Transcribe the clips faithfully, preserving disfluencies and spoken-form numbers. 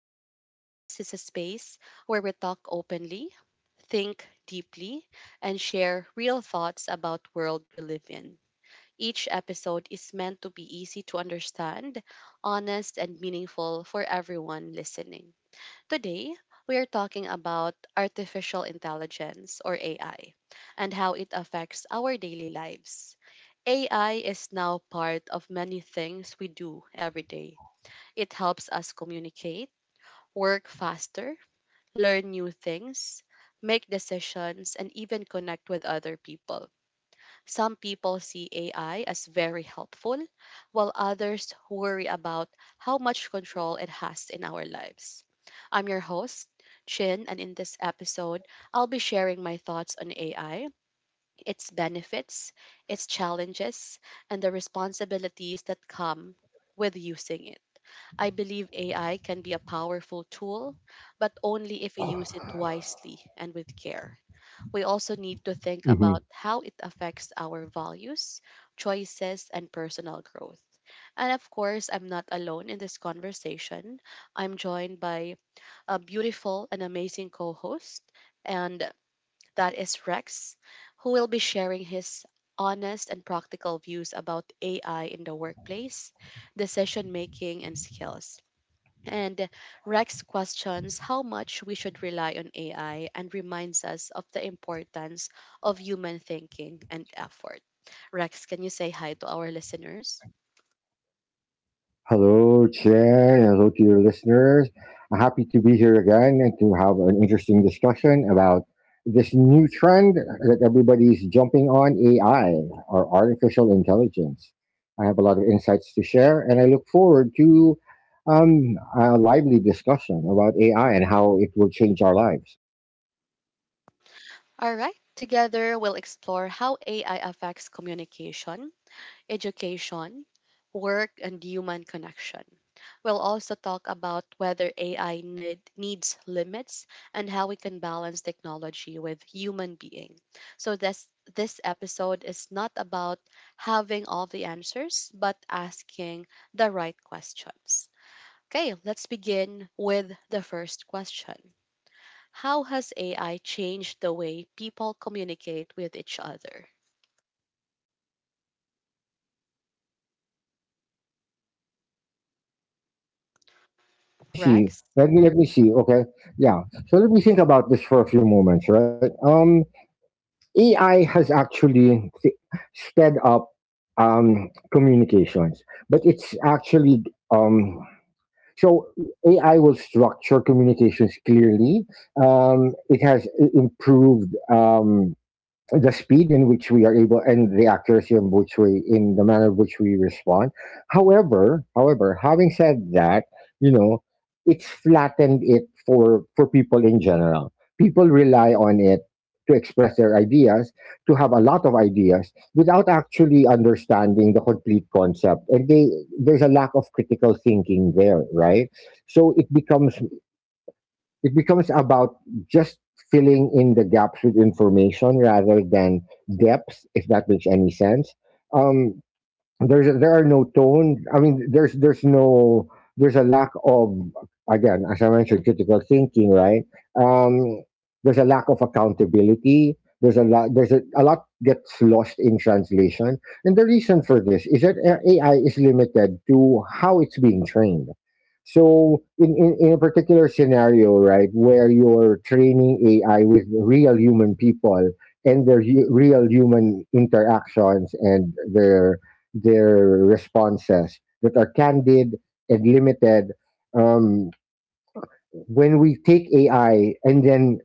This podcast is a space where we talk openly, think deeply, and share real thoughts about world we live in. Each episode is meant to be easy to understand, honest, and meaningful for everyone listening. Today, we are talking about artificial intelligence or A I and how it affects our daily lives. A I is now part of many things we do every day. It helps us communicate, work faster, learn new things, make decisions, and even connect with other people. Some people see A I as very helpful, while others worry about how much control it has in our lives. I'm your host, Chin, and in this episode, I'll be sharing my thoughts on A I, its benefits, its challenges, and the responsibilities that come with using it. I believe A I can be a powerful tool, but only if we use it wisely and with care. We Mhm. also need to think about how it affects our values, choices, and personal growth. And of course, I'm not alone in this conversation. I'm joined by a beautiful and amazing co host, and that is Rex, who will be sharing his honest and practical views about A I in the workplace, decision making, and skills. And Rex questions how much we should rely on A I and reminds us of the importance of human thinking and effort. Rex, can you say hi to our listeners? Hello, Chair, and hello to your listeners. I'm happy to be here again and to have an interesting discussion about this new trend that everybody's jumping on, A I or artificial intelligence. I have a lot of insights to share, and I look forward to um, a lively discussion about A I and how it will change our lives. All right, together we'll explore how A I affects communication, education, work, and human connection. We'll also talk about whether A I need, needs limits and how we can balance technology with human being. So this this episode is not about having all the answers, but asking the right questions. Okay, let's begin with the first question. How has A I changed the way people communicate with each other? Let me see. Rex? Let me let me see. Okay, yeah. So let me think about this for a few moments, right? Um, A I has actually th- sped up um, communications, but it's actually um, so A I will structure communications clearly. Um, it has i- improved. Um, the speed in which we are able and the accuracy in which we in the manner in which we respond. However however having said that, you know it's flattened it for for people in general. People rely on it to express their ideas, to have a lot of ideas without actually understanding the complete concept, and they there's a lack of critical thinking there, right? So it becomes, it becomes about just filling in the gaps with information rather than depth, if that makes any sense. Um, there's there are no tone. I mean, there's there's no, there's a lack of, again, as I mentioned, critical thinking, right? Um, there's a lack of accountability. There's a lot. There's a, a lot gets lost in translation, and the reason for this is that A- AI is limited to how it's being trained. So, in, in, in a particular scenario, right, where you're training A I with real human people and their hu- real human interactions, and their their responses that are candid and limited. Um, when we take A I and then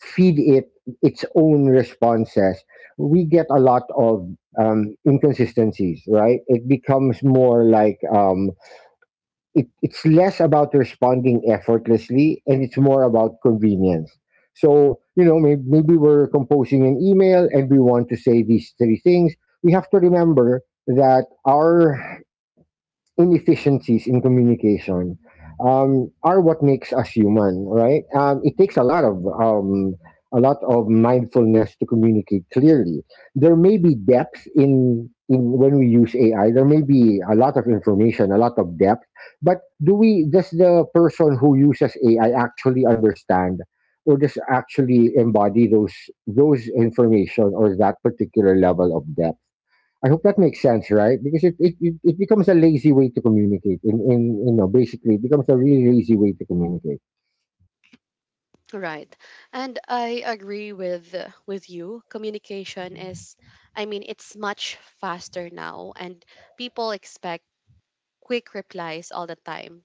feed it its own responses, we get a lot of um, inconsistencies, right? It becomes more like um, it, it's less about responding effortlessly and it's more about convenience. So, you know, maybe, maybe we're composing an email and we want to say these three things. We have to remember that our inefficiencies in communication um, are what makes us human, right? Um, it takes a lot of um, a lot of mindfulness to communicate clearly. There may be depth in in when we use A I. There may be a lot of information, a lot of depth, but do we, does the person who uses A I actually understand? Or just actually embody those those information or that particular level of depth. I hope that makes sense, right? Because it, it, it, it becomes a lazy way to communicate. In in you know, basically, it becomes a really lazy way to communicate. Right. And I agree with uh, with you. Communication is I mean it's much faster now and people expect quick replies all the time.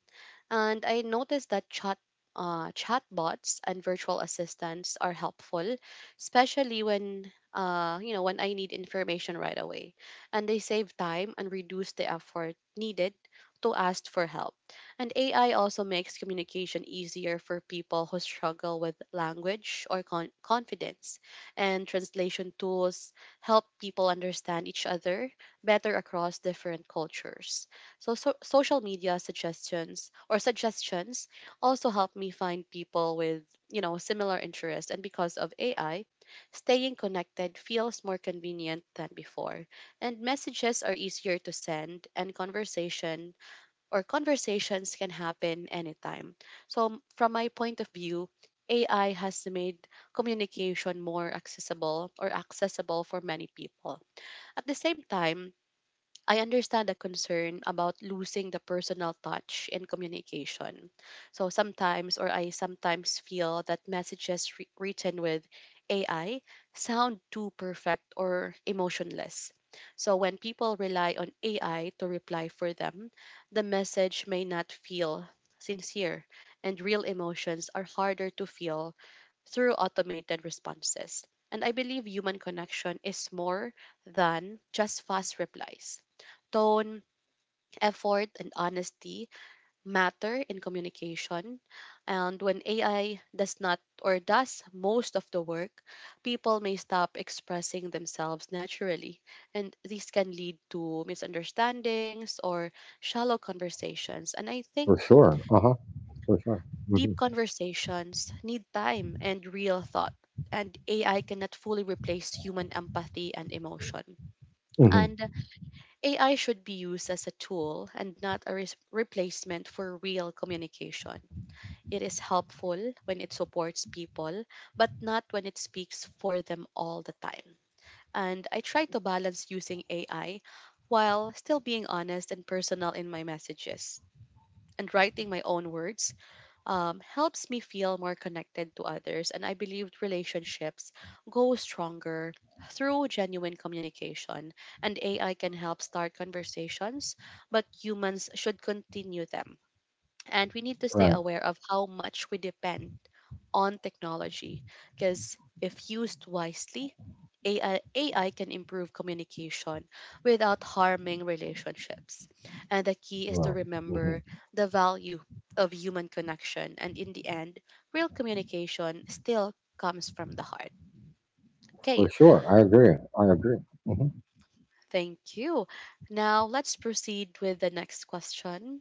And I noticed that chat uh, chatbots and virtual assistants are helpful, especially when uh, you know when I need information right away. And they save time and reduce the effort needed to ask for help. And A I also makes communication easier for people who struggle with language or con- confidence. And translation tools help people understand each other better across different cultures. So, so social media suggestions or suggestions also help me find people with, you know, similar interests and because of A I, staying connected feels more convenient than before. And messages are easier to send and conversation or conversations can happen anytime. So from my point of view, A I has made communication more accessible or accessible for many people. At the same time, I understand the concern about losing the personal touch in communication. So sometimes, or I sometimes feel that messages wri- written with A I sound too perfect or emotionless. So when people rely on A I to reply for them, the message may not feel sincere, and real emotions are harder to feel through automated responses. And I believe human connection is more than just fast replies. Tone, effort, and honesty matter in communication. And when A I does not or does most of the work, people may stop expressing themselves naturally. And this can lead to misunderstandings or shallow conversations. And I think For sure. Uh huh. For sure. deep conversations need time and real thought. And A I cannot fully replace human empathy and emotion. hmm hmm And A I should be used as a tool and not a res- replacement for real communication. It is helpful when it supports people, but not when it speaks for them all the time. And I try to balance using A I while still being honest and personal in my messages and writing my own words um, helps me feel more connected to others, and I believe relationships go stronger through genuine communication. And A I can help start conversations, but humans should continue them. And we need to stay Right. aware of how much we depend on technology because if used wisely, A I, can improve communication without harming relationships. And the key is to Right. hmm remember the value of human connection. And in the end, real communication still comes from the heart. Okay, For sure. I agree. I agree. Mm-hmm. thank you. Now let's proceed with the next question.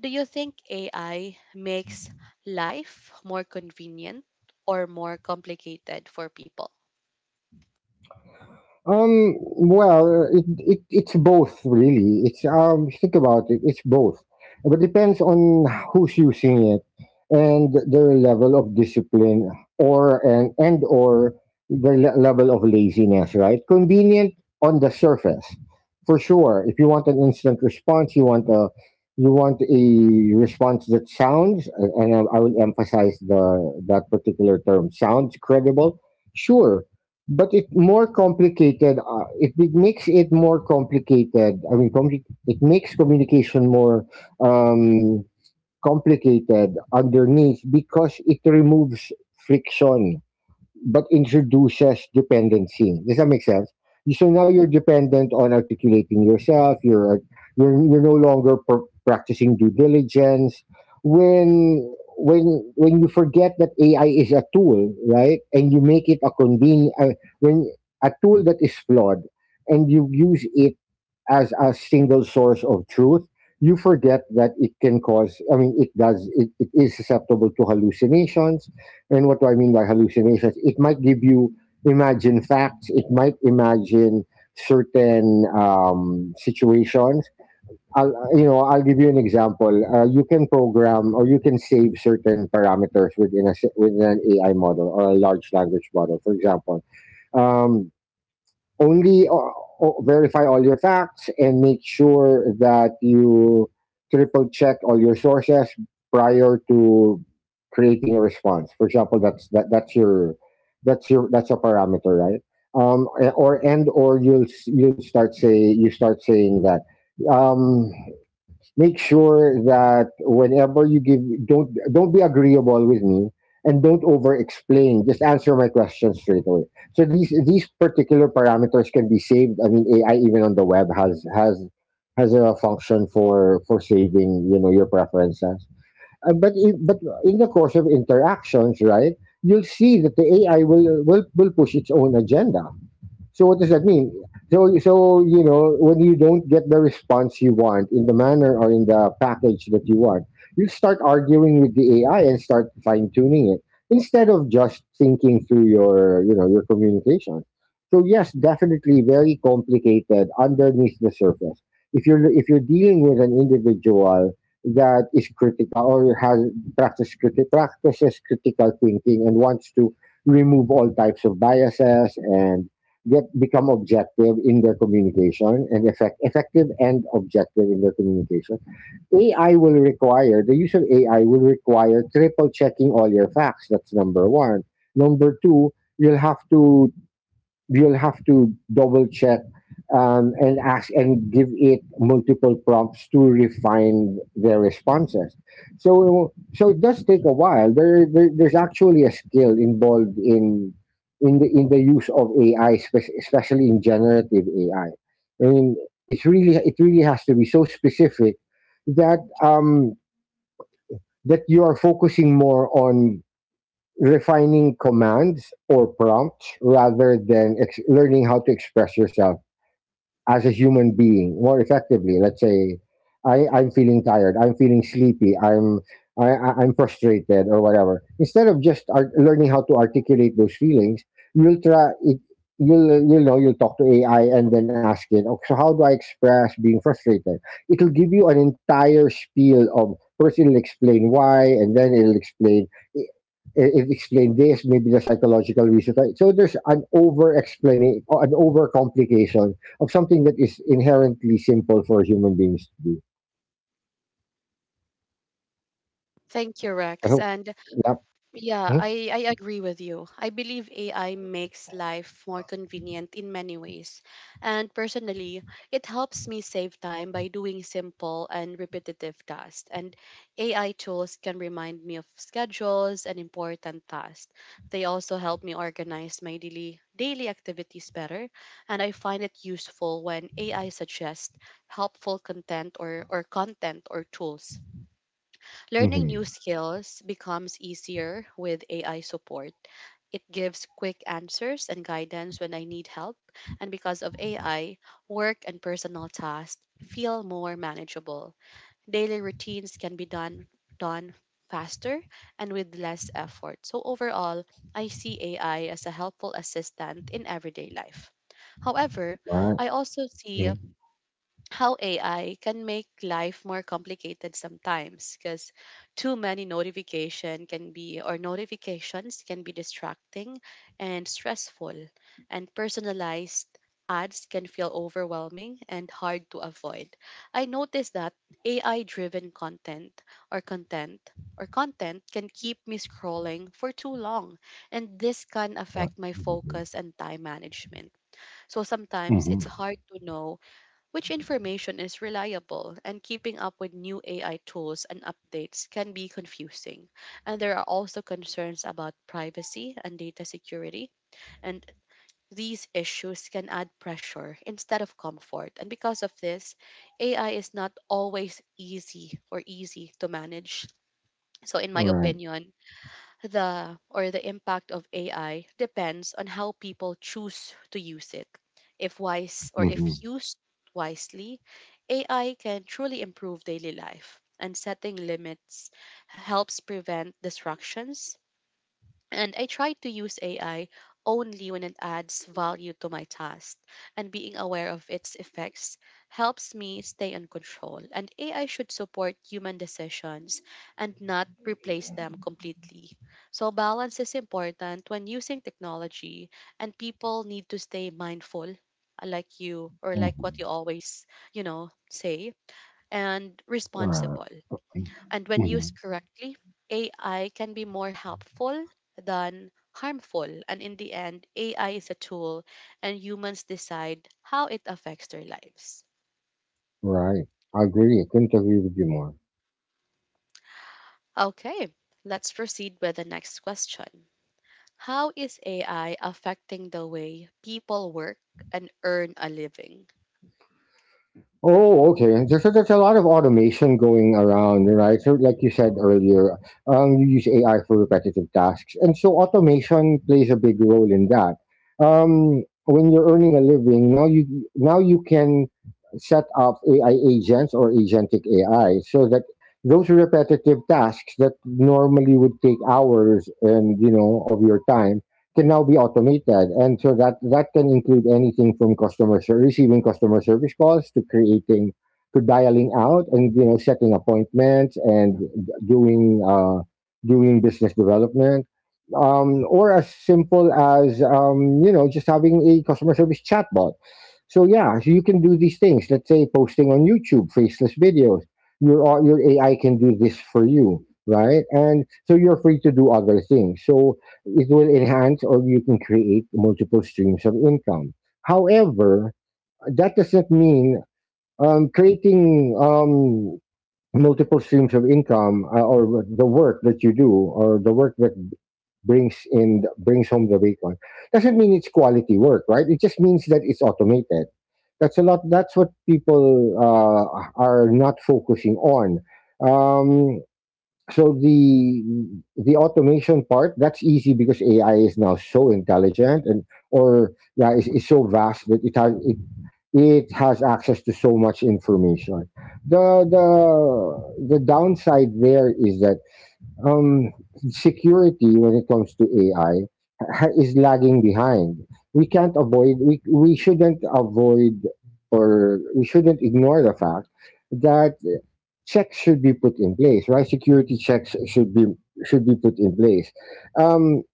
Do you think A I makes life more convenient or more complicated for people? Um, well, uh, it, it it's both, really. It's, um, think about it. It's both, but depends on who's using it and their level of discipline or and and or their le- level of laziness. Right? Convenient on the surface, for sure. If you want an instant response, you want a, you want a response that sounds, and I, I will emphasize the, that particular term, sounds credible. Sure, but it more complicated, uh, it, it makes it more complicated. I mean compli- it makes communication more um, complicated underneath because it removes friction but introduces dependency. Does that make sense? So now you're dependent on articulating yourself. You're you're you're no longer pr- practicing due diligence. When when when you forget that A I is a tool, right, and you make it a convenient, uh, when a tool that is flawed, and you use it as a single source of truth, you forget that it can cause. I mean, it does. It, it is susceptible to hallucinations. And what do I mean by hallucinations? It might give you imagine facts. It might imagine certain um, situations. I'll, you know, I'll give you an example. Uh, you can program or you can save certain parameters within a s- within an A I model or a large language model. For example, um, only uh, o- verify all your facts and make sure that you triple check all your sources prior to creating a response, for example. That's that, that's your, that's your that's a parameter, right? Um a- or and or you'll s- you'll start say, you start saying that, um make sure that whenever you give, don't don't be agreeable with me and don't over explain, just answer my question straight away. So these these particular parameters can be saved. I mean, AI even on the web has has has a function for for saving, you know, your preferences. Uh, but in, but in the course of interactions, right, you'll see that the A I will will, will push its own agenda. So what does that mean? So so you know, when you don't get the response you want in the manner or in the package that you want, you start arguing with the A I and start fine tuning it instead of just thinking through your, you know, your communication. So yes, definitely very complicated underneath the surface. If you're if you're dealing with an individual that is critical or has practices, criti- practices critical thinking and wants to remove all types of biases and get become objective in their communication and effect, effective and objective in their communication. A I will require the use of, A I will require triple checking all your facts. That's number one. Number two, you'll have to, you'll have to double check um, and ask and give it multiple prompts to refine their responses. So so it does take a while. There, there there's actually a skill involved in, in the in the use of A I, spe- especially in generative A I. I I mean, it's really, it really has to be so specific that um, that you are focusing more on refining commands or prompts rather than ex- learning how to express yourself as a human being more effectively. Let's say I I'm feeling tired I'm feeling sleepy I'm I, I- I'm frustrated or whatever. Instead of just art- learning how to articulate those feelings, you'll try. It, you'll you'll know you'll talk to A I and then ask it. Okay, so how do I express being frustrated? It'll give you an entire spiel of, first it'll explain why, and then it'll explain it, it explain this, maybe the psychological reasons. Right? So there's an over explanation, an over of something that is inherently simple for human beings to do. Thank you, I Rex. hope. And Yep. yeah, Mm-hmm. I, I agree with you. I believe A I makes life more convenient in many ways. And personally, it helps me save time by doing simple and repetitive tasks. And A I tools can remind me of schedules and important tasks. They also help me organize my daily daily activities better, and I find it useful when A I suggests helpful content or, or content or tools. Learning new Mm-hmm. skills becomes easier with A I support. It gives quick answers and guidance when I need help, and because of A I, work and personal tasks feel more manageable. Daily routines can be done done faster and with less effort. So overall, I see A I as a helpful assistant in everyday life. However, Right. I also see Mm-hmm. how A I can make life more complicated sometimes because too many notification can be or notifications can be distracting and stressful and personalized ads can feel overwhelming and hard to avoid. I noticed that A I driven content or content or content can keep me scrolling for too long and this can Right. affect my Mm-hmm. focus and time management. So sometimes it's Mm-hmm. hard to know which information is reliable, and keeping up with new A I tools and updates can be confusing. And there are also concerns about privacy and data security, and these issues can add pressure instead of comfort. And because of this, A I is not always easy or easy to manage. So, in my Right. opinion, the or the impact of A I depends on how people choose to use it. If wise or if Mm-hmm. used wisely, A I can truly improve daily life, and setting limits helps prevent distractions and I try to use A I only when it adds value to my task, and being aware of its effects helps me stay in control. And A I should support human decisions and not replace them completely. So, balance is important when using technology, and people need to stay mindful, like you, or like Mm-hmm. what you always, you know, say, and Right. responsible. And when used Mm-hmm. correctly, A I can be more helpful than harmful. And in the end, A I is a tool and humans decide how it affects their lives. Right. I agree. I couldn't agree with you more. Okay, let's proceed with the next question. How is A I affecting the way people work and earn a living? Oh, okay. There's, there's a lot of automation going around, right? So, like you said earlier, um, you use A I for repetitive tasks, and so automation plays a big role in that. Um, when you're earning a living, now you, now you can set up A I agents or agentic A I, so that those repetitive tasks that normally would take hours, and you know, of your time, can now be automated. And so that that can include anything from customer ser- receiving customer service calls to creating, to dialing out and, you know, setting appointments and doing uh, doing business development. Um, or as simple as, um, you know, just having a customer service chatbot. So yeah, so you can do these things. Let's say posting on YouTube, faceless videos. Your au- your A I can do this for you, right? And so you're free to do other things. So it will enhance, or you can create multiple streams of income. However, that doesn't mean um, creating um, multiple streams of income, uh, or the work that you do or the work that brings in brings home the bacon, doesn't mean it's quality work, right? It just means that it's automated. That's a lot. That's what people uh, are not focusing on. Um, so the the automation part, that's easy because A I is now so intelligent and, or yeah, is is so vast that it has it, it has access to so much information. The the the downside there is that um, security when it comes to A I ha- is lagging behind. We can't avoid, we we shouldn't avoid or we shouldn't ignore the fact that checks should be put in place, right? Security checks should be, should be put in place. Um,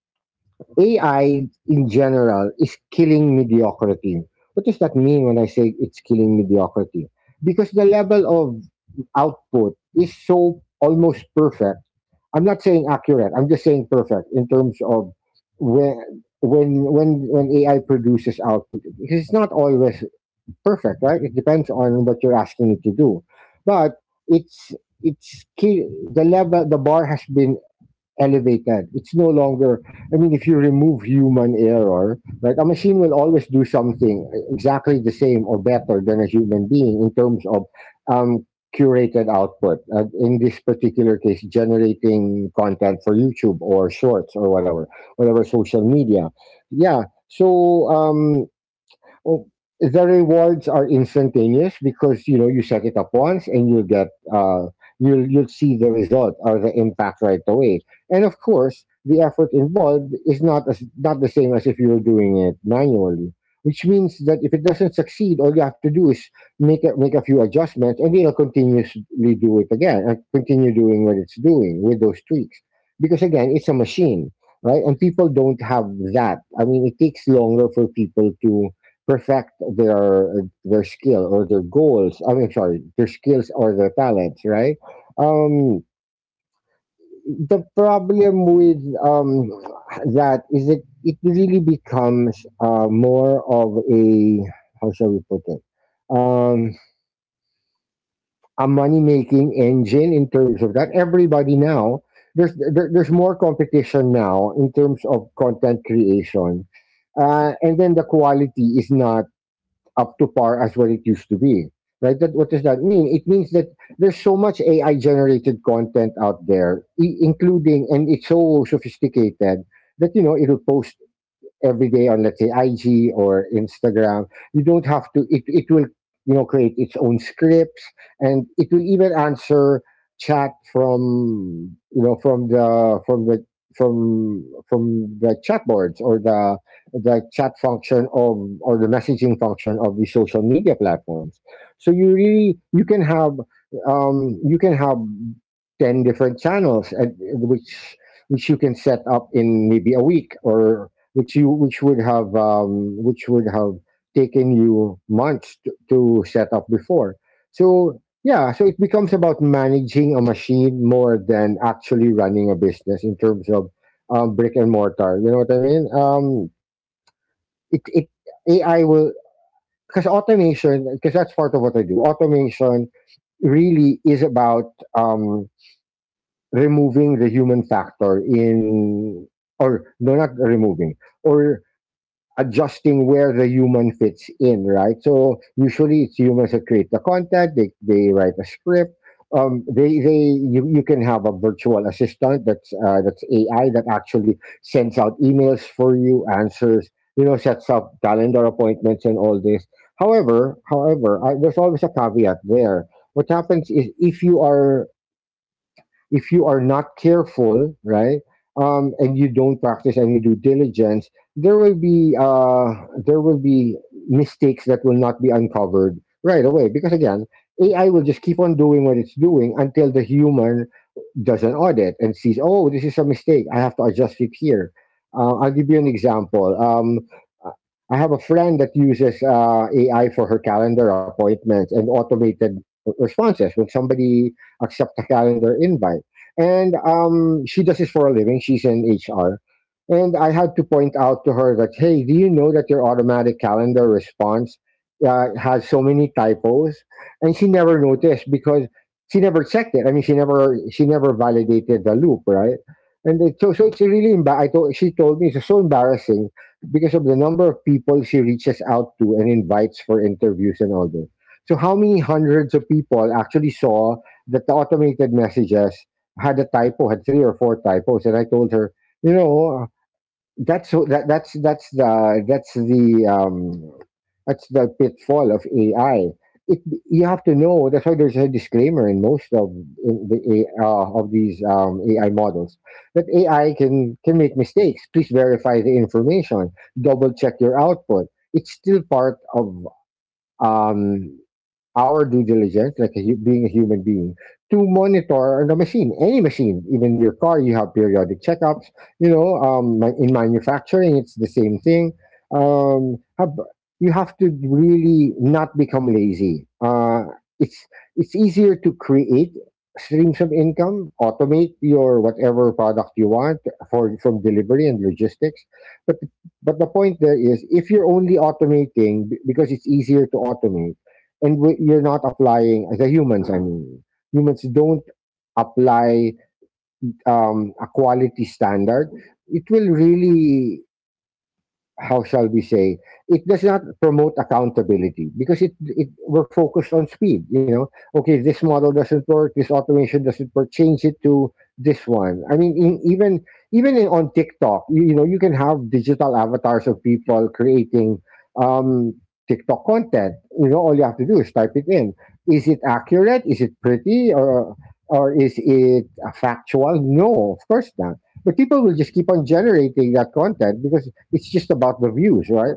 A I in general is killing mediocrity. What does that mean when I say it's killing mediocrity? Because the level of output is so almost perfect. I'm not saying accurate. I'm just saying perfect in terms of, when when when when A I produces output. Because it's not always perfect, right? It depends on what you're asking it to do, but it's it's key. The level, the bar has been elevated. It's no longer. I mean, if you remove human error, right, a machine will always do something exactly the same or better than a human being in terms of um, curated output. Uh, in this particular case, generating content for YouTube or Shorts or whatever, whatever social media. Yeah. So. Um, Oh, the rewards are instantaneous because you know you set it up once and you get uh, you'll you'll see the result or the impact right away. And of course, the effort involved is not as, not the same as if you were doing it manually. Which means that if it doesn't succeed, all you have to do is make a, make a few adjustments, and it'll continuously do it again and continue doing what it's doing with those tweaks. Because again, it's a machine, right? And people don't have that. I mean, it takes longer for people to perfect their their skill or their goals. I mean, sorry, their skills or their talents, right? Um, the problem with um, that is that it really becomes uh, more of a, how shall we put it, um, a money making engine in terms of that. Everybody now, there's there, there's more competition now in terms of content creation, uh, and then the quality is not up to par as what it used to be, right? That what does that mean? It means that there's so much AI generated content out there, i- including, and it's so sophisticated that, you know, it'll post every day on, let's say, I G or Instagram. You don't have to, it, it will, you know, create its own scripts, and it will even answer chat from, you know, from the from the from from the chat boards or the the chat function of, or the messaging function of, the social media platforms. So you really, you can have um you can have ten different channels, and which which you can set up in maybe a week, or which you which would have, um, which would have taken you months to, to set up before. So yeah, so it becomes about managing a machine more than actually running a business in terms of, um, brick and mortar. You know what I mean? Um, it it A I will, because automation, because that's part of what I do. Automation really is about, um, removing the human factor in, or no, not removing, or adjusting where the human fits in, right? So usually it's humans that create the content. They, they write a script. Um, they, they you, you can have a virtual assistant that's uh, that's A I, that actually sends out emails for you, answers, you know, sets up calendar appointments and all this. However, however, I, there's always a caveat there. What happens is, if you are, if you are not careful, right, um, and you don't practice any due diligence, there will be uh, there will be mistakes that will not be uncovered right away, because again, A I will just keep on doing what it's doing until the human does an audit and sees, oh, this is a mistake. I have to adjust it here. Uh, I'll give you an example. Um, I have a friend that uses uh, A I for her calendar appointments and automated r- responses when somebody accepts a calendar invite. And um, she does this for a living. She's in H R. And I had to point out to her that, hey, do you know that your automatic calendar response uh, has so many typos? And she never noticed because she never checked it. I mean, she never she never validated the loop, right? And it, so so it's really embar- I told she told me it's so embarrassing, because of the number of people she reaches out to and invites for interviews and all this. So how many hundreds of people actually saw that the automated messages had a typo, had three or four typos. And I told her, you know, that's that, that's that's the that's the um, that's the pitfall of A I. It, you have to know. That's why there's a disclaimer in most of, in the A- uh, of these um, A I models, that A I can can make mistakes. Please verify the information. Double check your output. It's still part of, um, our due diligence, like a, hu- being a human being, to monitor the machine, any machine. Even your car, you have periodic checkups. You know, um, ma- in manufacturing, it's the same thing. Um, have, you have to really not become lazy. Uh, it's it's easier to create streams of income, automate your whatever product you want, for from delivery and logistics. but but the point there is, if you're only automating b- because it's easier to automate, and w- you're not applying the humans, I mean, humans don't apply um, a quality standard, it will really, how shall we say, it does not promote accountability. Because it, it we're focused on speed. You know, okay, this model doesn't work, this automation doesn't work, change it to this one. I mean, in, even even in, on TikTok, you, you know, you can have digital avatars of people creating um TikTok content. You know, all you have to do is type it in. Is it accurate? Is it pretty? Or or is it factual? No, of course not. But people will just keep on generating that content because it's just about the views, right?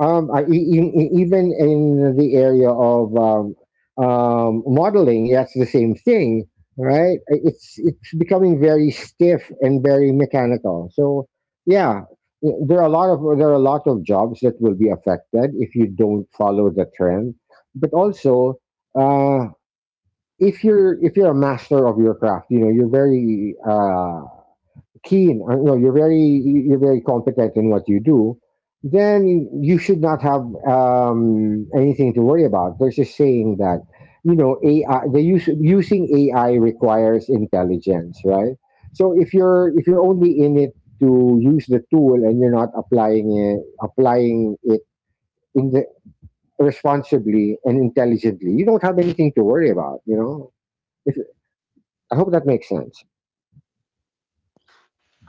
Um, I, e- e- e- Even in the area of um, um, modeling, that's the same thing, right? I- It's it's becoming very stiff and very mechanical. So yeah, y- there are a lot of, there are a lot of jobs that will be affected if you don't follow the trend. But also, Uh, if you're, if you're a master of your craft, you know, you're very uh, keen, uh, no, you're very, you're very competent in what you do, then you should not have um, anything to worry about. There's a saying that, you know, A I the use using A I requires intelligence, right? So if you're, if you're only in it to use the tool, and you're not applying it applying it in the, responsibly and intelligently, you don't have anything to worry about. You know, if, I hope that makes sense.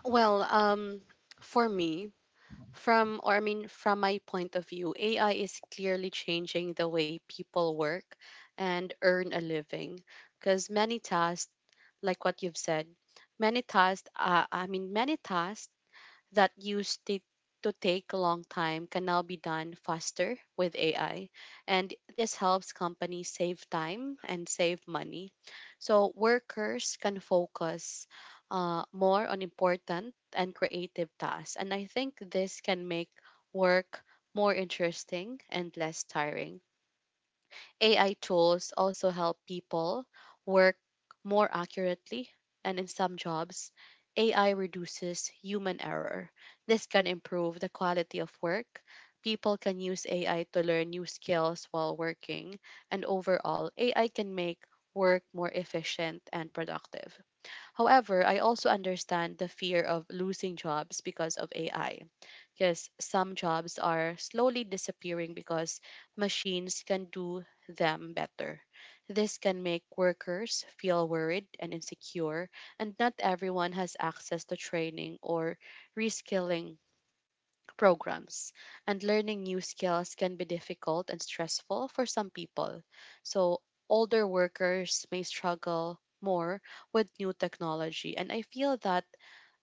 Well, um, for me, from, or I mean, from my point of view, A I is clearly changing the way people work and earn a living. Because many tasks, like what you've said, many tasks, uh, I mean, many tasks that used to to take a long time can now be done faster with A I. And this helps companies save time and save money. So workers can focus uh, more on important and creative tasks. And I think this can make work more interesting and less tiring. A I tools also help people work more accurately, and in some jobs, A I reduces human error. This can improve the quality of work. People can use A I to learn new skills while working, and overall, A I can make work more efficient and productive. However, I also understand the fear of losing jobs because of A I because some jobs are slowly disappearing because machines can do them better. This can make workers feel worried and insecure, and not everyone has access to training or reskilling programs. And learning new skills can be difficult and stressful for some people. So, older workers may struggle more with new technology. And I feel that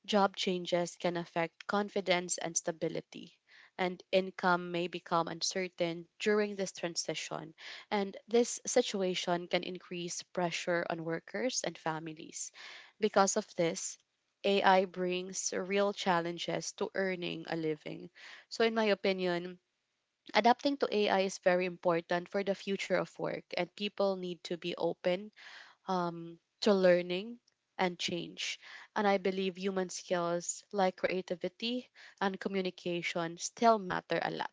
job changes can affect confidence and stability, and income may become uncertain during this transition. And this situation can increase pressure on workers and families. Because of this, A I brings real challenges to earning a living. So, in my opinion, adapting to A I is very important for the future of work, and people need to be open um, to learning and change. And I believe human skills like creativity and communication still matter a lot.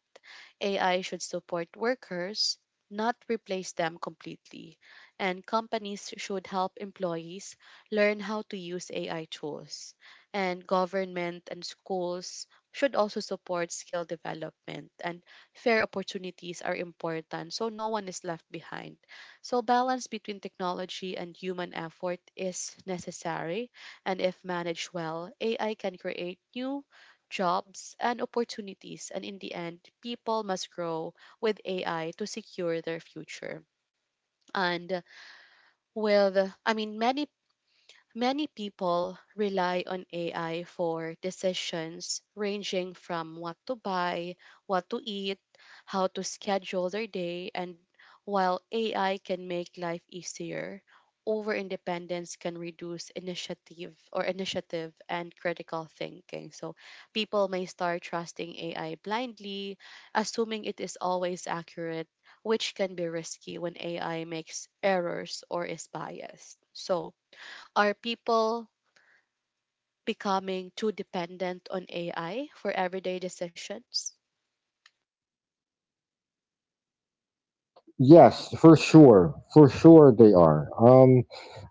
A I should support workers, not replace them completely, and companies should help employees learn how to use A I tools. And government and schools should also support skill development and fair opportunities are important so no one is left behind. So balance between technology and human effort is necessary and if managed well, A I can create new jobs, and opportunities. And in the end, people must grow with A I to secure their future. And with, I mean, many Many people rely on A I for decisions ranging from what to buy, what to eat, how to schedule their day, and while A I can make life easier, over independence can reduce initiative or initiative and critical thinking. So people may start trusting A I blindly, assuming it is always accurate, which can be risky when A I makes errors or is biased. So are people becoming too dependent on A I for everyday decisions? Yes, for sure. For sure they are. Um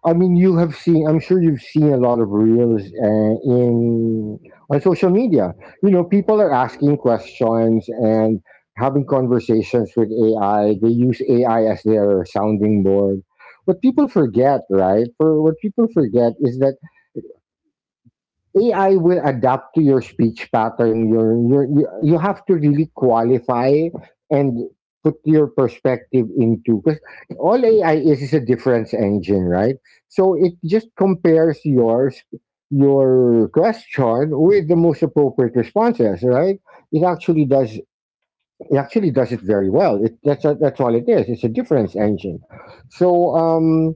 I mean, you have seen, I'm sure you've seen a lot of reels uh, in on social media. You know, people are asking questions and having conversations with A I. They use A I as their sounding board. What people forget, right? For what people forget is that A I will adapt to your speech pattern. Your, your, you you have to really qualify and put your perspective into, because all A I is is a difference engine, right? So it just compares yours your question with the most appropriate responses, right? It actually does, it actually does it very well. It, that's that's all it is. It's a difference engine. So um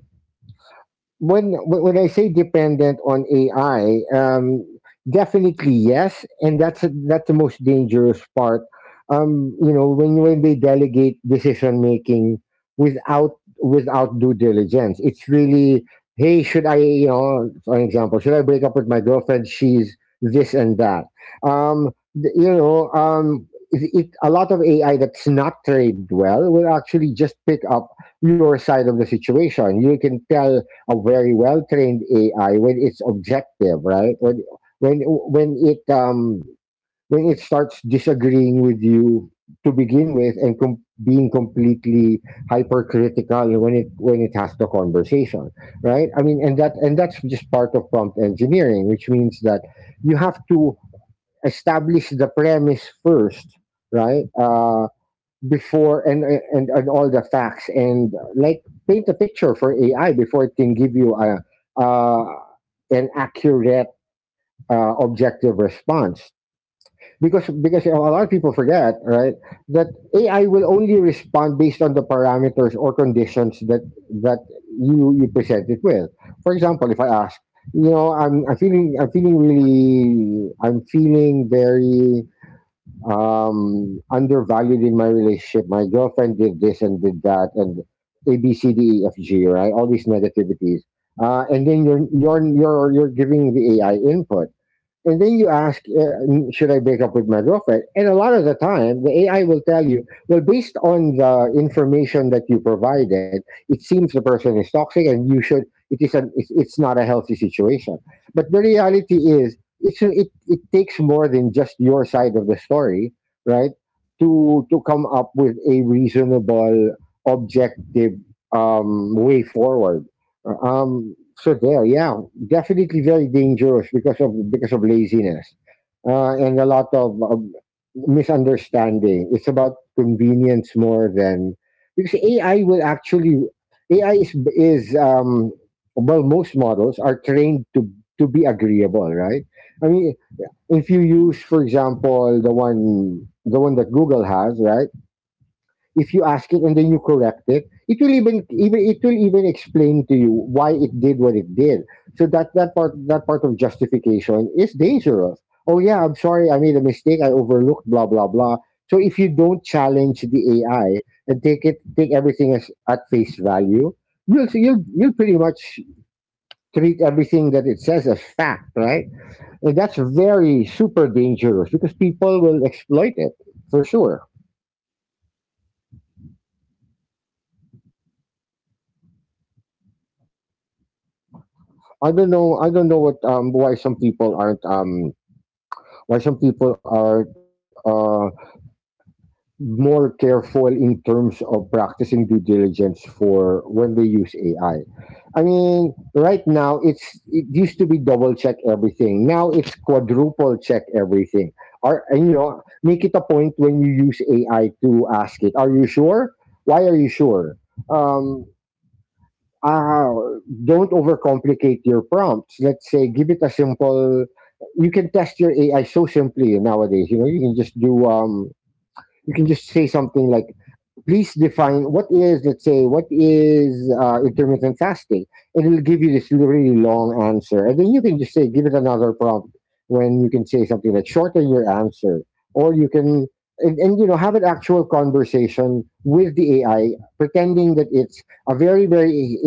when when I say dependent on A I, um, definitely yes, and that's that's the most dangerous part. Um, you know, when when they delegate decision making without, without due diligence, it's really, hey, should I, you know, for example, should I break up with my girlfriend? She's this and that. Um, th- you know, um, it, it, a lot of A I that's not trained well will actually just pick up your side of the situation. You can tell a very well trained A I when it's objective, right? When, when when it um when it starts disagreeing with you to begin with, and com- being completely hypercritical when it, when it has the conversation, right? I mean, and that, and that's just part of prompt engineering, which means that you have to establish the premise first, right? Uh, before and and and all the facts, and like paint a picture for A I before it can give you a, uh, an accurate uh, objective response. Because because a lot of people forget, right, that A I will only respond based on the parameters or conditions that that you you present it with. For example, if I ask, you know, I'm, I'm feeling I'm feeling really, I'm feeling very um, undervalued in my relationship. My girlfriend did this and did that, and A B C D E F G, right? All these negativities, uh, and then you're you're you're you're giving the A I input. And then you ask, uh, "Mm, should I break up with my girlfriend?" And a lot of the time, the A I will tell you, well, based on the information that you provided, it seems the person is toxic and you should, it is an, it's, it's not a healthy situation. But the reality is, it's, a- it, it takes more than just your side of the story, right? To, to come up with a reasonable, objective, um, way forward. Uh, Um, so there, yeah. Definitely very dangerous, because of, because of laziness, uh, and a lot of um, misunderstanding. It's about convenience more than because A I will actually A I is is um, well, most models are trained to to be agreeable, right? I mean, if you use, for example, the one the one that Google has, right? If you ask it and then you correct it, it will even even it will even explain to you why it did what it did. So that that part that part of justification is dangerous. Oh, yeah, I'm sorry, I made a mistake, I overlooked blah blah blah. So if you don't challenge the AI and take it take everything as at face value, you'll you'll you'll pretty much treat everything that it says as fact, right? And that's very super dangerous because people will exploit it, for sure. I don't know. I don't know what, um why some people aren't, um why some people are, uh more careful in terms of practicing due diligence for when they use A I. I I mean, right now it's, it used to be double check everything. Now it's quadruple check everything. Or and you know, make it a point when you use A I to ask it, "Are you sure? Why are you sure?" Um, uh, don't overcomplicate your prompts. Let's say, give it a simple. You can test your A I so simply nowadays. You know, you can just do. Um, you can just say something like, "Please define what is." Let's say, what is uh, intermittent fasting? And it'll give you this really long answer, and then you can just say, "Give it another prompt." When you can say something like, "Shorten your answer," or you can. And, and you know, have an actual conversation with the A I, pretending that it's a very very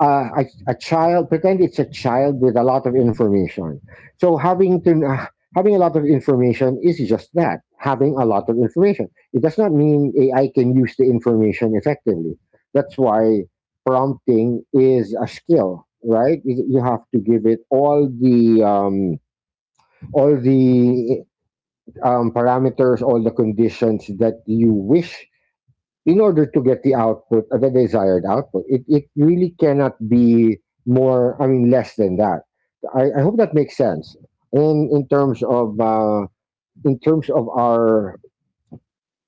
uh, a, a child. Pretend it's a child with a lot of information. So having to uh, having a lot of information is just that, having a lot of information, it does not mean AI can use the information effectively. That's why prompting is a skill, right? You you have to give it all the um, all the um, parameters, all the conditions that you wish in order to get the output, uh, the desired output. It, it really cannot be more, I mean, less than that. I, I hope that makes sense. And in terms of, uh, in terms of our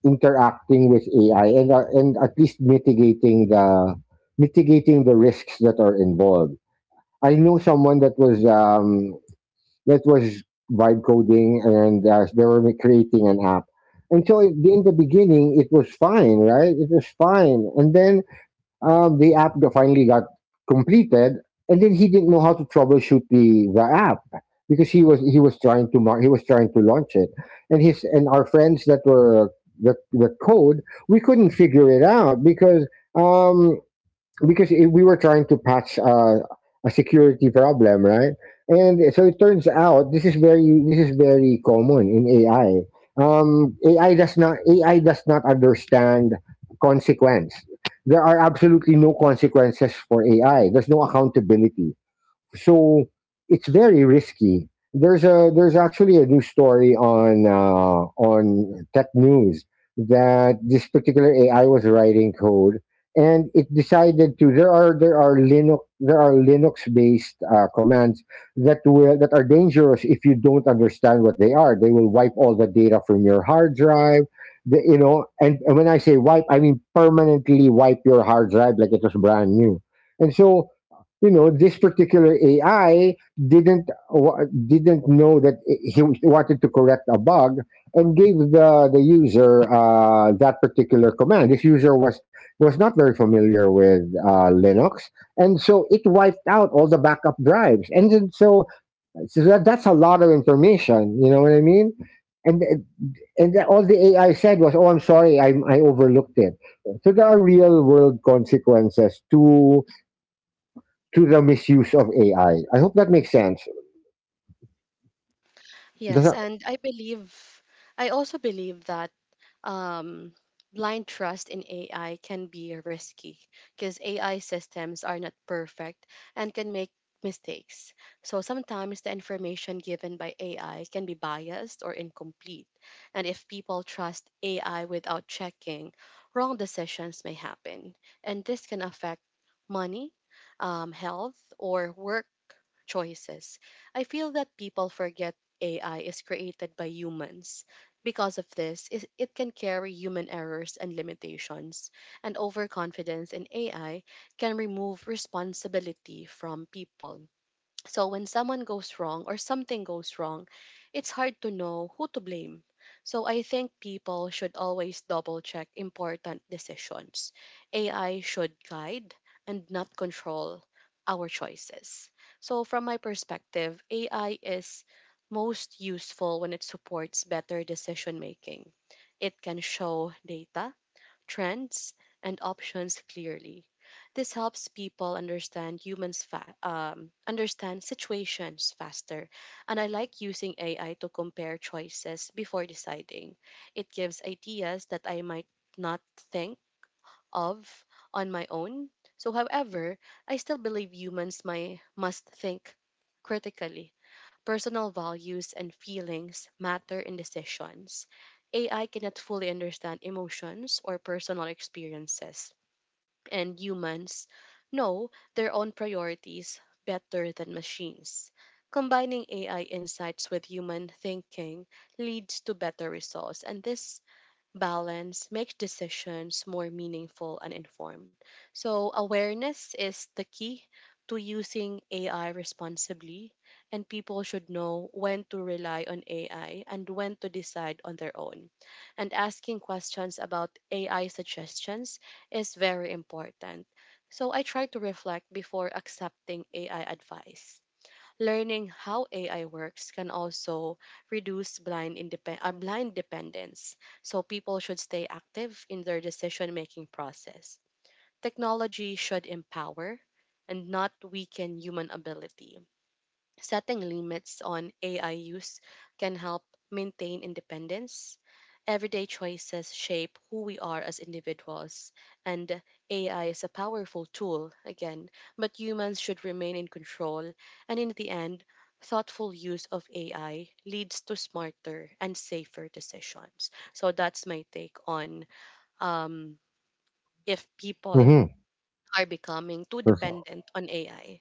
interacting with A I and, uh, and at least mitigating the, mitigating the risks that are involved. I know someone that was, um, that was vibe coding and uh, they were creating an app. And so in in the beginning, it was fine, right? It was fine. And then uh, the app got- finally got completed, and then he didn't know how to troubleshoot the the app, because he was he was trying to mar- he was trying to launch it, and his and our friends that were the the code, we couldn't figure it out because. Um, because it, we were trying to patch uh, a security problem, right? And so it turns out this is very this is very common in A I. Um, A I does not A I does not understand consequence. There are absolutely no consequences for A I. There's no accountability. So it's very risky. There's a there's actually a new story on uh, on tech news, that this particular A I was writing code and it decided to, there are there are Linux there are Linux based uh, commands that will that are dangerous if you don't understand what they are. They will wipe all the data from your hard drive. The, you know, and, and when I say wipe, I mean permanently wipe your hard drive like it was brand new. And so, you know, this particular A I didn't wa- didn't know that he wanted to correct a bug and gave the the user uh, that particular command. This user was was not very familiar with uh, Linux, and so it wiped out all the backup drives. And then so, so that, that's a lot of information. You know what I mean? And and then all the A I said was, "Oh, I'm sorry, I I overlooked it." So there are real world consequences to to the misuse of A I. I I hope that makes sense. Does Yes, that? and I believe, I also believe that um, blind trust in A I can be risky because A I systems are not perfect and can make mistakes. So sometimes the information given by A I can be biased or incomplete. And if people trust A I without checking, wrong decisions may happen. And this can affect money, um, health, or work choices. I feel that people forget A I is created by humans. Because of this, is- it can carry human errors and limitations, and overconfidence in A I can remove responsibility from people. So when someone goes wrong or something goes wrong, it's hard to know who to blame. So I think people should always double check important decisions. A I should guide and not control our choices. So from my perspective, A I is most useful when it supports better decision making. It can show data trends, and options clearly. This helps people understand humans fa- um, understand situations faster, and I like using A I to compare choices before deciding. It gives ideas that I might not think of on my own. So, however, I still believe humans my, must think critically. Personal values and feelings matter in decisions. A I cannot fully understand emotions or personal experiences, and humans know their own priorities better than machines. Combining A I insights with human thinking leads to better results, and this balance makes decisions more meaningful and informed. So, awareness is the key to using A I responsibly, and people should know when to rely on A I and when to decide on their own. And asking questions about A I suggestions is very important. So, I try to reflect before accepting A I advice. Learning how A I works can also reduce blind independ- uh, blind dependence, so people should stay active in their decision-making process. Technology should empower and not weaken human ability. Setting limits on A I use can help maintain independence. Everyday choices shape who we are as individuals, and A I is a powerful tool, again, but humans should remain in control. And in the end, thoughtful use of A I leads to smarter and safer decisions. So that's my take on um, if people are becoming too dependent on A I.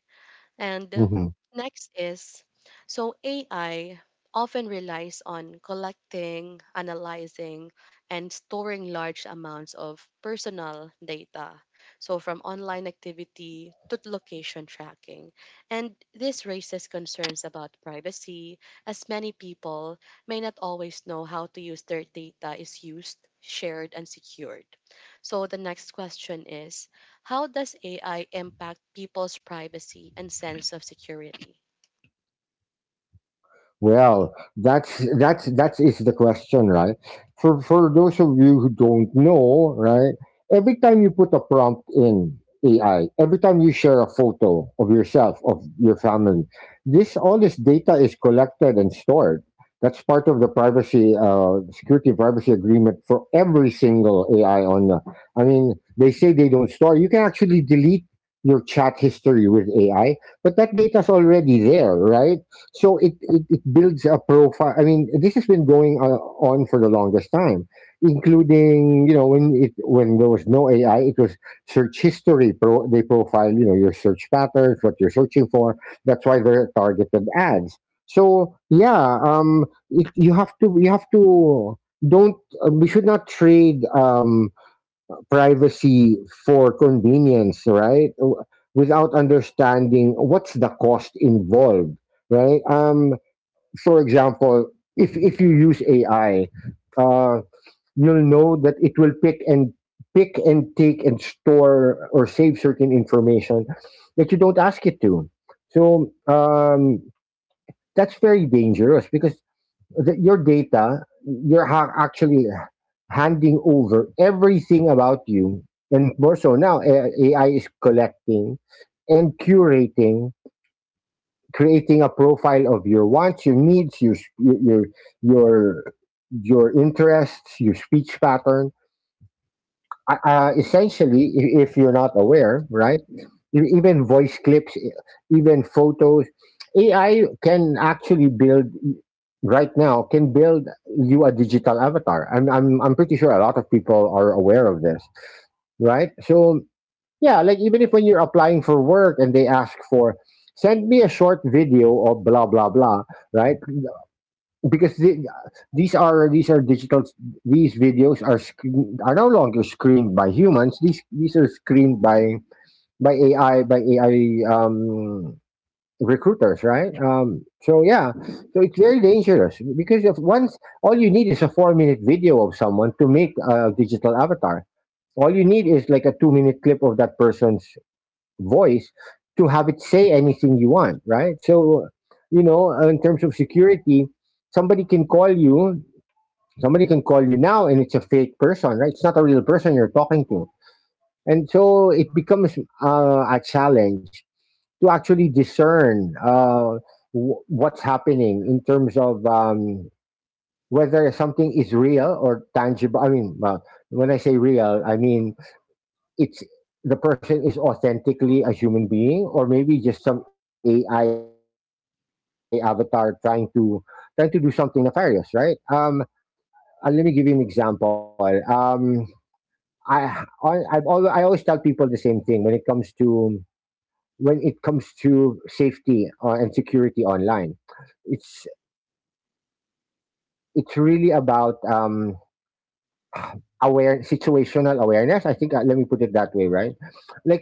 And um, Hmm. next is, so A I often relies on collecting, analyzing, and storing large amounts of personal data. So, from online activity to location tracking. And this raises concerns about privacy, as many people may not always know how to use their data is used, shared, and secured. So, the next question is, how does A I impact people's privacy and sense of security? Well, that's that's that is the question, right? For for those of you who don't know, right? Every time you put a prompt in A I, every time you share a photo of yourself, of your family, this all this data is collected and stored. That's part of the privacy, uh, security privacy agreement for every single A I on the. I mean, they say they don't store. You can actually delete your chat history with A I, but that data's already there, right? So it, it, it builds a profile. I mean, this has been going uh, on for the longest time, including, you know, when it, when there was no A I, it was search history. Pro, they profile, you know, your search patterns, what you're searching for. That's why they're targeted ads. So yeah, um, it, you have to you have to don't, uh, we should not trade um privacy for convenience, right? W- Without understanding what's the cost involved, right? Um, for example, if if you use A I, uh, you'll know that it will pick and pick and take and store or save certain information that you don't ask it to. So um, that's very dangerous because the, your data, you're ha- actually handing over everything about you, and more so now, A- AI is collecting and curating, creating a profile of your wants, your needs, your s- your your your, your interests, your speech pattern, uh, uh, essentially, i- if you're not aware, right? e- Even voice clips, e- even photos, A I can actually build, right now can build you a digital avatar. I'm I'm I'm pretty sure a lot of people are aware of this, right? So yeah, like even if, when you're applying for work and they ask for, send me a short video of blah blah blah, right? Because the, these are these are digital, these videos are screen, are no longer screened by humans, these these are screened by by ai by AI um recruiters, right? Um so yeah, so it's very dangerous because if once all you need is a four minute video of someone to make a digital avatar, all you need is like a two minute clip of that person's voice to have it say anything you want, right? So, you know, uh, in terms of security, somebody can call you, somebody can call you now, and it's a fake person, right? It's not a real person you're talking to. And so it becomes uh, a challenge to actually discern uh, w- what's happening in terms of um, whether something is real or tangible. I mean, well, when I say real, I mean it's, the person is authentically a human being or maybe just some A I avatar trying to trying to do something nefarious, right? Um, uh, let me give you an example. Um, I I- I've always, I always tell people the same thing when it comes to, when it comes to safety uh, and security online. It's it's really about um, aware, situational awareness, I think. Uh, let me put it that way, right? Like, for example, ba- best practice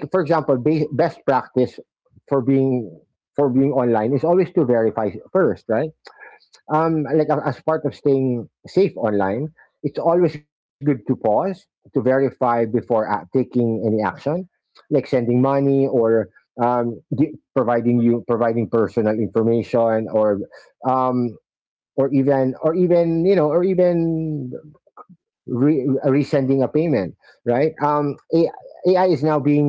for being, for being online is always to verify first, right? Um like a- as part of staying safe online, it's always good to pause, to verify before uh, taking any action, like sending money or um gi- providing you, providing personal information, or um or even, or even, you know, or even re- resending a payment, right? Um, A- AI is now being,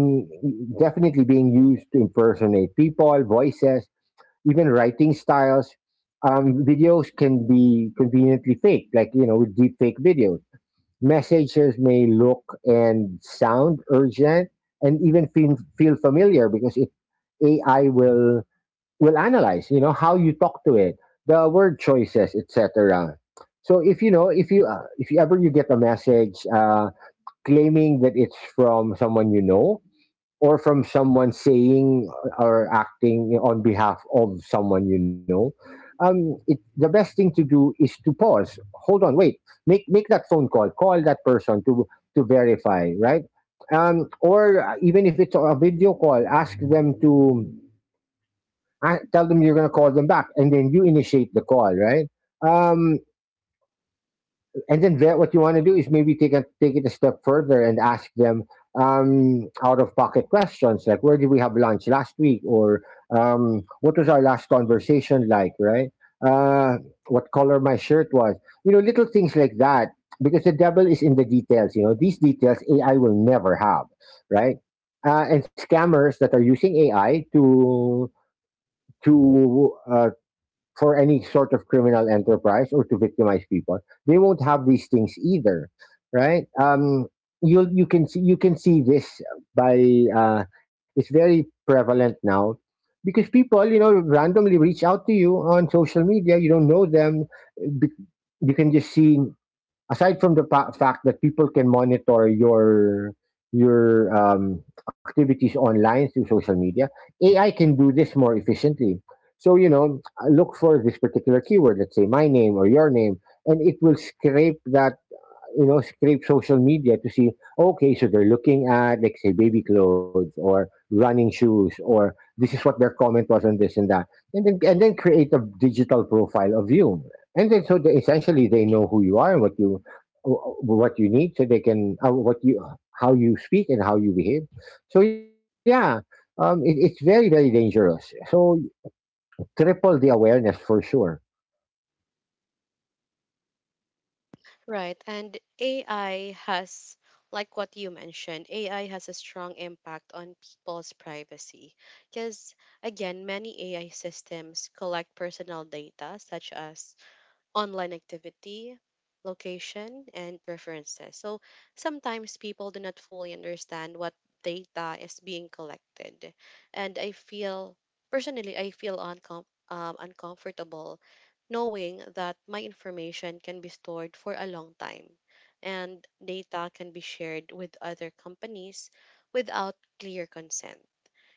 definitely being used to impersonate people, voices, even writing styles. Um, videos can be conveniently fake, like, you know, with deep fake videos. Messages may look and sound urgent, and even feel, feel familiar because it A I will will analyze, you know, how you talk to it, the word choices, etc. So if you know if you uh, if you ever you get a message uh, claiming that it's from someone you know, or from someone saying or acting on behalf of someone you know. Um, it, the best thing to do is to pause, hold on, wait, make make that phone call, call that person to to verify, right? Um, or even if it's a video call, ask them to, and tell them you're going to call them back and then you initiate the call, right? um, and then there, what you want to do is maybe take a, take it a step further and ask them um, out of pocket questions like, where did we have lunch last week, or um, what was our last conversation like, right? uh, what color my shirt was. You know, little things like that, because the devil is in the details. You know, these details A I will never have. Right. Uh, and scammers that are using A I to to uh, for any sort of criminal enterprise or to victimize people, they won't have these things either, right? Um, you you can see, you can see this by uh, it's very prevalent now because people, you know, randomly reach out to you on social media. You don't know them. Be- You can just see, aside from the fa- fact that people can monitor your your um, activities online through social media, A I can do this more efficiently. So, you know, look for this particular keyword, let's say my name or your name, and it will scrape that, you know, scrape social media to see, okay, so they're looking at, like, say, baby clothes or running shoes, or this is what their comment was on this and that, and then and then create a digital profile of you, and then so they, essentially they know who you are and what you what you need, so they can uh, what you how you speak and how you behave. So yeah, um, it, it's very very dangerous. So triple the awareness for sure. Right. And A I has, like what you mentioned, A I has a strong impact on people's privacy. Because, again, many A I systems collect personal data such as online activity, location, and preferences. So sometimes people do not fully understand what data is being collected. And I feel, personally, I feel uncom- um, uncomfortable knowing that my information can be stored for a long time and data can be shared with other companies without clear consent,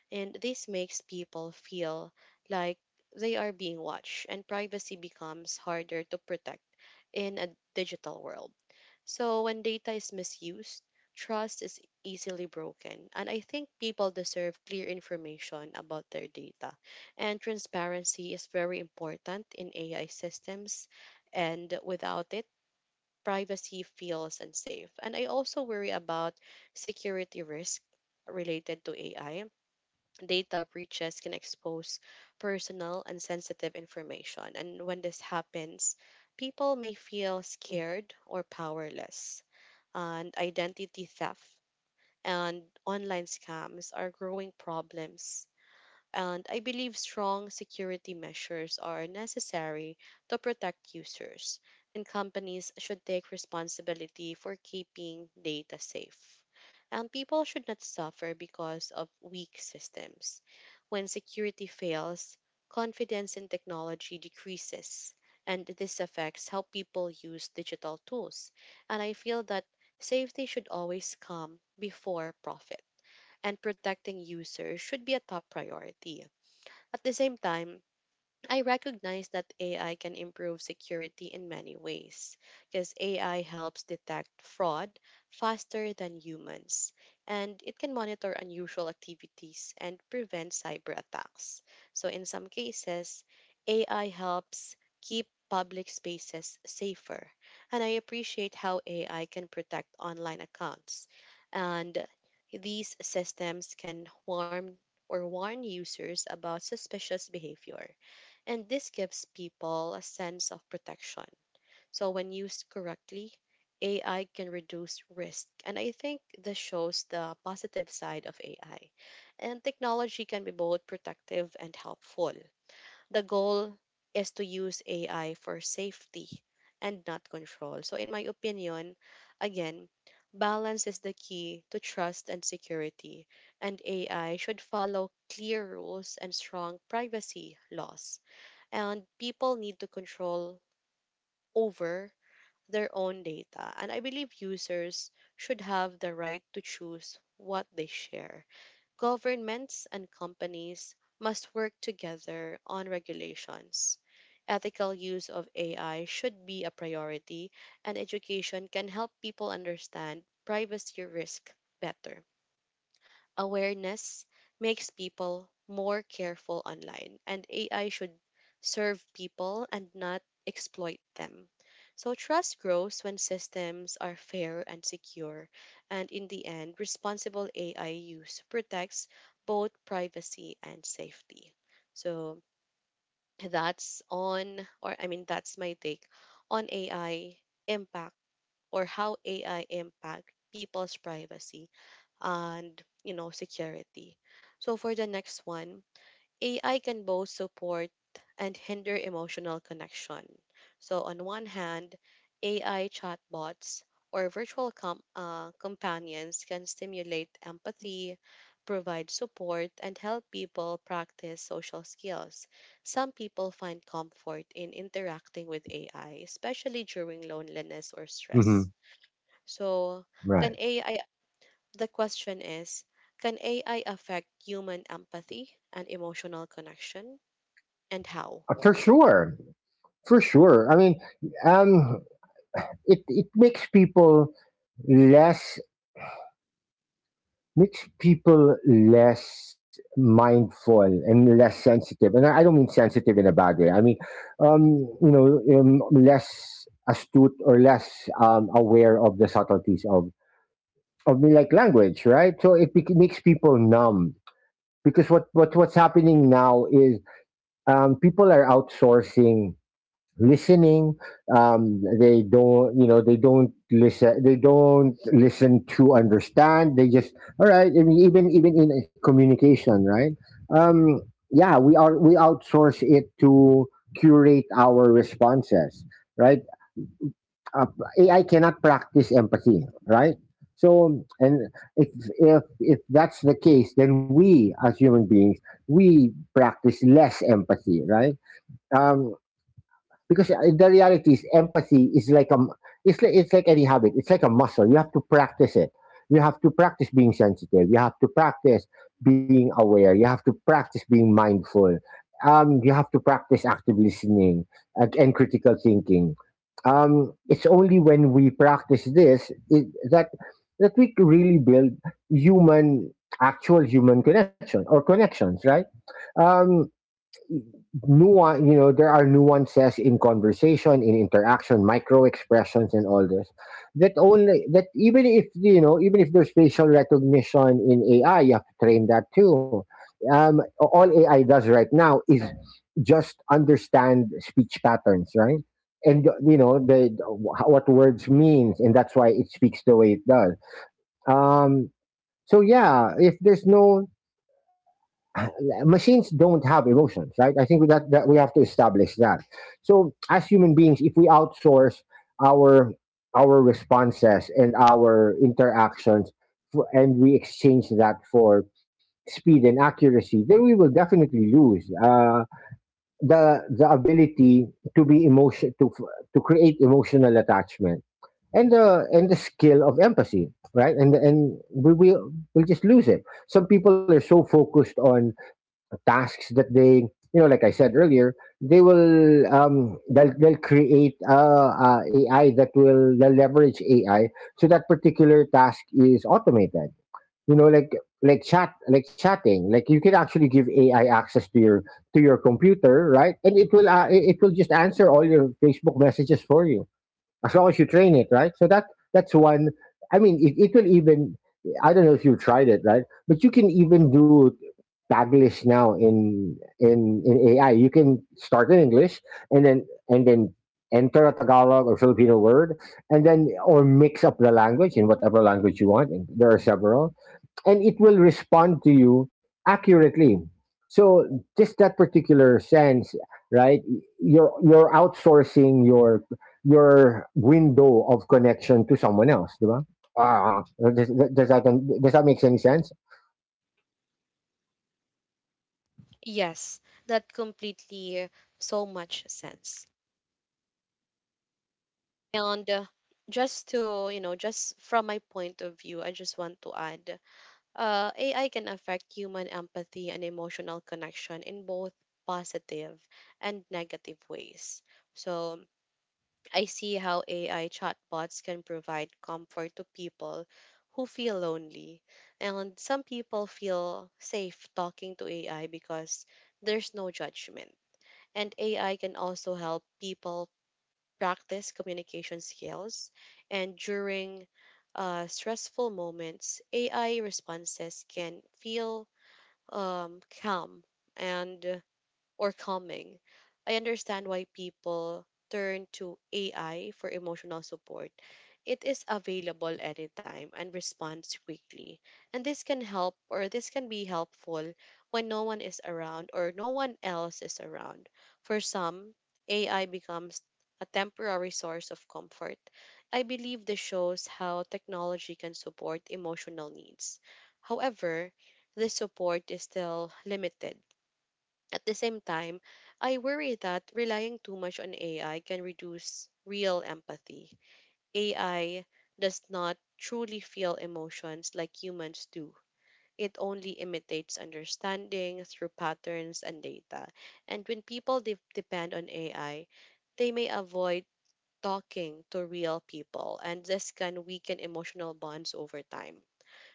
and this makes people feel like they are being watched, and privacy becomes harder to protect in a digital world. So, when data is misused, trust is easily broken, and I think people deserve clear information about their data. And transparency is very important in A I systems, and without it, privacy feels unsafe. And I also worry about security risk related to A I. Data breaches can expose personal and sensitive information. And when this happens, people may feel scared or powerless. And identity theft and online scams are growing problems, and I believe strong security measures are necessary to protect users, and companies should take responsibility for keeping data safe. And people should not suffer because of weak systems. When security fails, confidence in technology decreases, and this affects how people use digital tools. And I feel that safety should always come before profit, and protecting users should be a top priority. At the same time, I recognize that A I can improve security in many ways because A I helps detect fraud faster than humans, and it can monitor unusual activities and prevent cyber attacks. So, in some cases, A I helps keep public spaces safer, and I appreciate how A I can protect online accounts. And these systems can warn or warn users about suspicious behavior, and this gives people a sense of protection. So when used correctly, A I can reduce risk. And I think this shows the positive side of A I. And technology can be both protective and helpful. The goal is to use A I for safety and not control. So in my opinion, again, balance is the key to trust and security, and A I should follow clear rules and strong privacy laws, and people need to control over their own data. And I believe users should have the right to choose what they share. Governments and companies must work together on regulations. Ethical use of A I should be a priority, and education can help people understand privacy risk better. Awareness makes people more careful online, and A I should serve people and not exploit them. So, trust grows when systems are fair and secure, and in the end, responsible A I use protects both privacy and safety. So, that's on, or I mean, that's my take on A I impact, or how A I impact people's privacy and you know security. So for the next one, A I can both support and hinder emotional connection. So on one hand, A I chatbots or virtual com- uh, companions can stimulate empathy, provide support, and help people practice social skills. Some people find comfort in interacting with A I, especially during loneliness or Hmm. stress. So, Right. can A I the question is can A I affect human empathy and emotional connection, and how? Uh, for sure, for sure. I mean, um, it it makes people less, makes people less mindful and less sensitive, and i I don't mean sensitive in a bad way, I mean, um you know, um, less astute or less um, aware of the subtleties of of like language, right? So it bec- makes people numb, because what, what what's happening now is, um, people are outsourcing listening. um they don't, you know, they don't listen, they don't listen to understand, they just, all right, I mean, even even in uh, communication, right? um yeah, we are we outsource it to curate our responses, right? uh, AI cannot practice empathy, right? So, and if if if that's the case, then we as human beings, we practice less empathy, right? um because uh, the reality is empathy is like a m- it's like, it's like any habit, it's like a muscle, you have to practice it. You have to practice being sensitive, you have to practice being aware, you have to practice being mindful, um, you have to practice active listening, and, and critical thinking. um, it's only when we practice this it, that that we can really build human, actual human connection or connections, right? um, nuance, you know, there are nuances in conversation, in interaction, micro expressions and all this, that only that, even if you know, even if there's facial recognition in A I, you have to train that too. um, all A I does right now is just understand speech patterns, right? And you know the what words means, and that's why it speaks the way it does. um, so yeah, if there's no machines don't have emotions, right? I think that, that we have to establish that. So as human beings, if we outsource our our responses and our interactions, f- and we exchange that for speed and accuracy, then we will definitely lose uh, the the ability to be emotion to f- to create emotional attachment and the and the skill of empathy, right? And and we will we'll just lose it. Some people are so focused on tasks that they, you know, like I said earlier, they will um they'll, they'll create uh, uh A I that will, they'll leverage A I so that particular task is automated. You know, like, like chat like chatting, like, you can actually give A I access to your to your computer, right? And it will uh, it it will just answer all your Facebook messages for you, as long as you train it right. So that that's one. I mean, it, it will even, I don't know if you've tried it, right, but you can even do Taglish now in in in A I. You can start in English and then and then enter a Tagalog or Filipino word, and then or mix up the language in whatever language you want, and there are several, and it will respond to you accurately. So just that particular sense, right? You're you're outsourcing your your window of connection to someone else, diba? Ah, does, does that, does that make any sense? Yes, that completely so much sense. And uh, just to, you know, just from my point of view, I just want to add uh, A I can affect human empathy and emotional connection in both positive and negative ways. So, I see how A I chatbots can provide comfort to people who feel lonely. And some people feel safe talking to A I because there's no judgment. And A I can also help people practice communication skills. And during uh, stressful moments, A I responses can feel um, calm and or calming. I understand why people turn to A I for emotional support. It is available anytime and responds quickly. And this can help, or this can be helpful when no one is around or no one else is around. For some, A I becomes a temporary source of comfort. I believe this shows how technology can support emotional needs. However, this support is still limited. At the same time, I worry that relying too much on A I can reduce real empathy. A I does not truly feel emotions like humans do. It only imitates understanding through patterns and data. And when people de- depend on A I, they may avoid talking to real people, and this can weaken emotional bonds over time.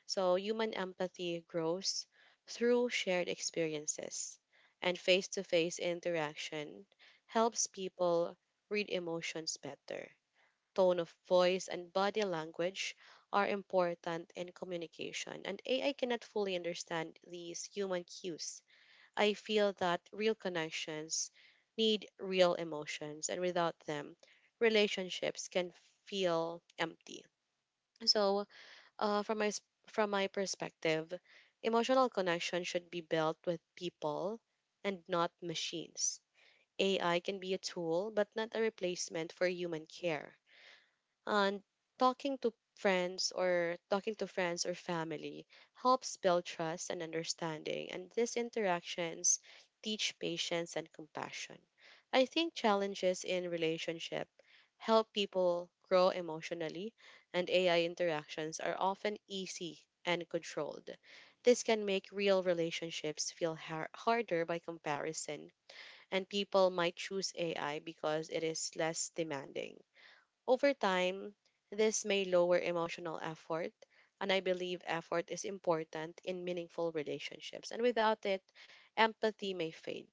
So, human empathy grows through shared experiences, and face to face interaction helps people read emotions better. Tone of voice and body language are important in communication, and A I cannot fully understand these human cues. I feel that real connections need real emotions, and without them, relationships can feel empty. So, uh, from my s- from my perspective, emotional connection should be built with people and not machines. A I can be a tool, but not a replacement for human care, and talking to friends or talking to friends or family helps build trust and understanding, and these interactions teach patience and compassion. I think challenges in relationship help people grow emotionally, and AI interactions are often easy and controlled. This can make real relationships feel har- harder by comparison, and people might choose AI because it is less demanding. Over time, this may lower emotional effort, and I believe effort is important in meaningful relationships. And without it, empathy may fade.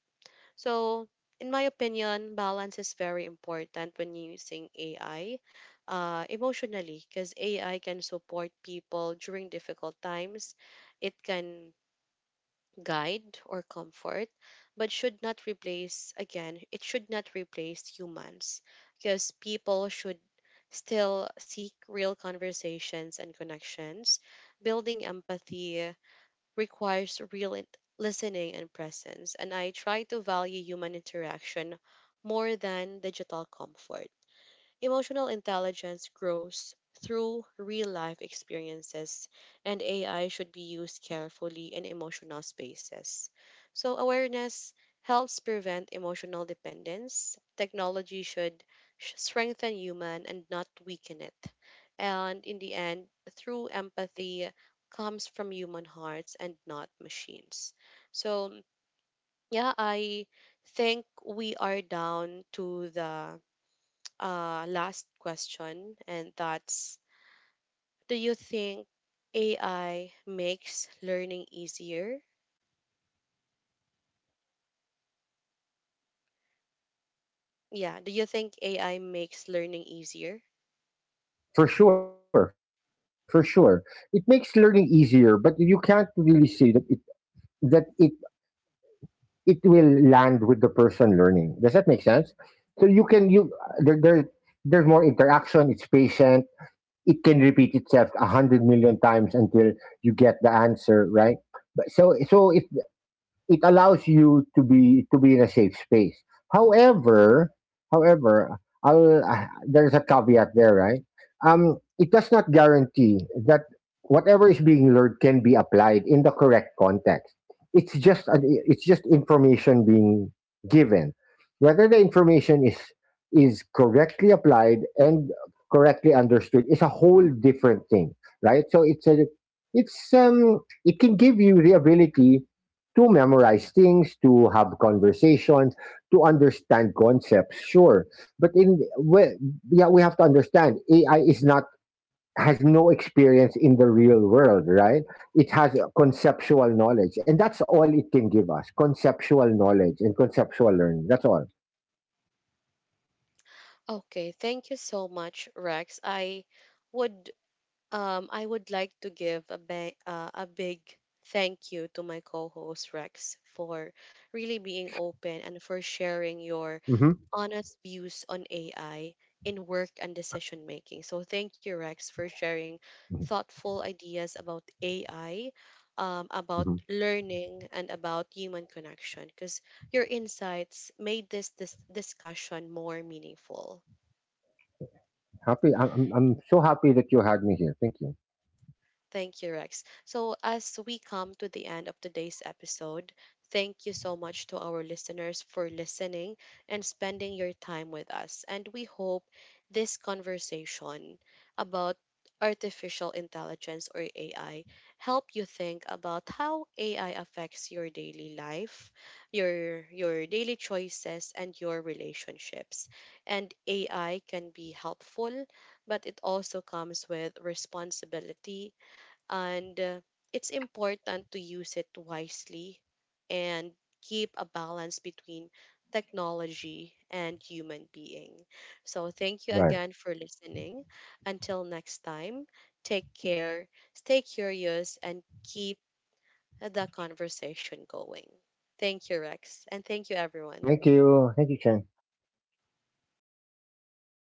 So, in my opinion, balance is very important when using A I uh, emotionally, because A I can support people during difficult times. It can guide or comfort, but should not replace, again, it should not replace humans, because people should still seek real conversations and connections. Building empathy requires real int- listening and presence, and I try to value human interaction more than digital comfort. Emotional intelligence grows through real life experiences, and A I should be used carefully in emotional spaces. So, awareness helps prevent emotional dependence. Technology should sh- strengthen human and not weaken it. And in the end, through empathy comes from human hearts and not machines. So, yeah, I think we are down to the uh, last question, and that's, do you think A I makes learning easier? Yeah, do you think A I makes learning easier? For sure, for sure, it makes learning easier, but you can't really say that it that it it will land with the person learning. Does that make sense? So you can you, there, there there's more interaction, it's patient, it can repeat itself a hundred million times until you get the answer right. But so so if it allows you to be to be in a safe space. However, however, I'll, uh, there's a caveat there, right? Um, it does not guarantee that whatever is being learned can be applied in the correct context. It's just an, it's just information being given. Whether the information is is correctly applied and correctly understood is a whole different thing, right? So it's a it's um it can give you the ability to memorize things, to have conversations, to understand concepts, sure. But in we, yeah, we have to understand A I is not, has no experience in the real world, right? It has a conceptual knowledge, and that's all it can give us: conceptual knowledge and conceptual learning. That's all. Okay, thank you so much, Rex. I would um I would like to give a ba- uh, a big thank you to my co-host Rex for really being open and for sharing your Hmm. honest views on A I in work and decision making. So, thank you, Rex, for sharing thoughtful ideas about A I, um, about Hmm. learning, and about human connection, because your insights made this, this discussion more meaningful. Happy, I'm, I'm I'm so happy that you had me here. Thank you. Thank you, Rex. So, as we come to the end of today's episode, thank you so much to our listeners for listening and spending your time with us. And we hope this conversation about artificial intelligence or A I help you think about how A I affects your daily life, your your daily choices and your relationships. And A I can be helpful, but it also comes with responsibility, and uh, it's important to use it wisely and keep a balance between technology and human being. So, thank you Right. again for listening. Until next time, take care, stay curious, and keep the conversation going. Thank you, Rex, and thank you, everyone. Thank you. Thank you, Chen.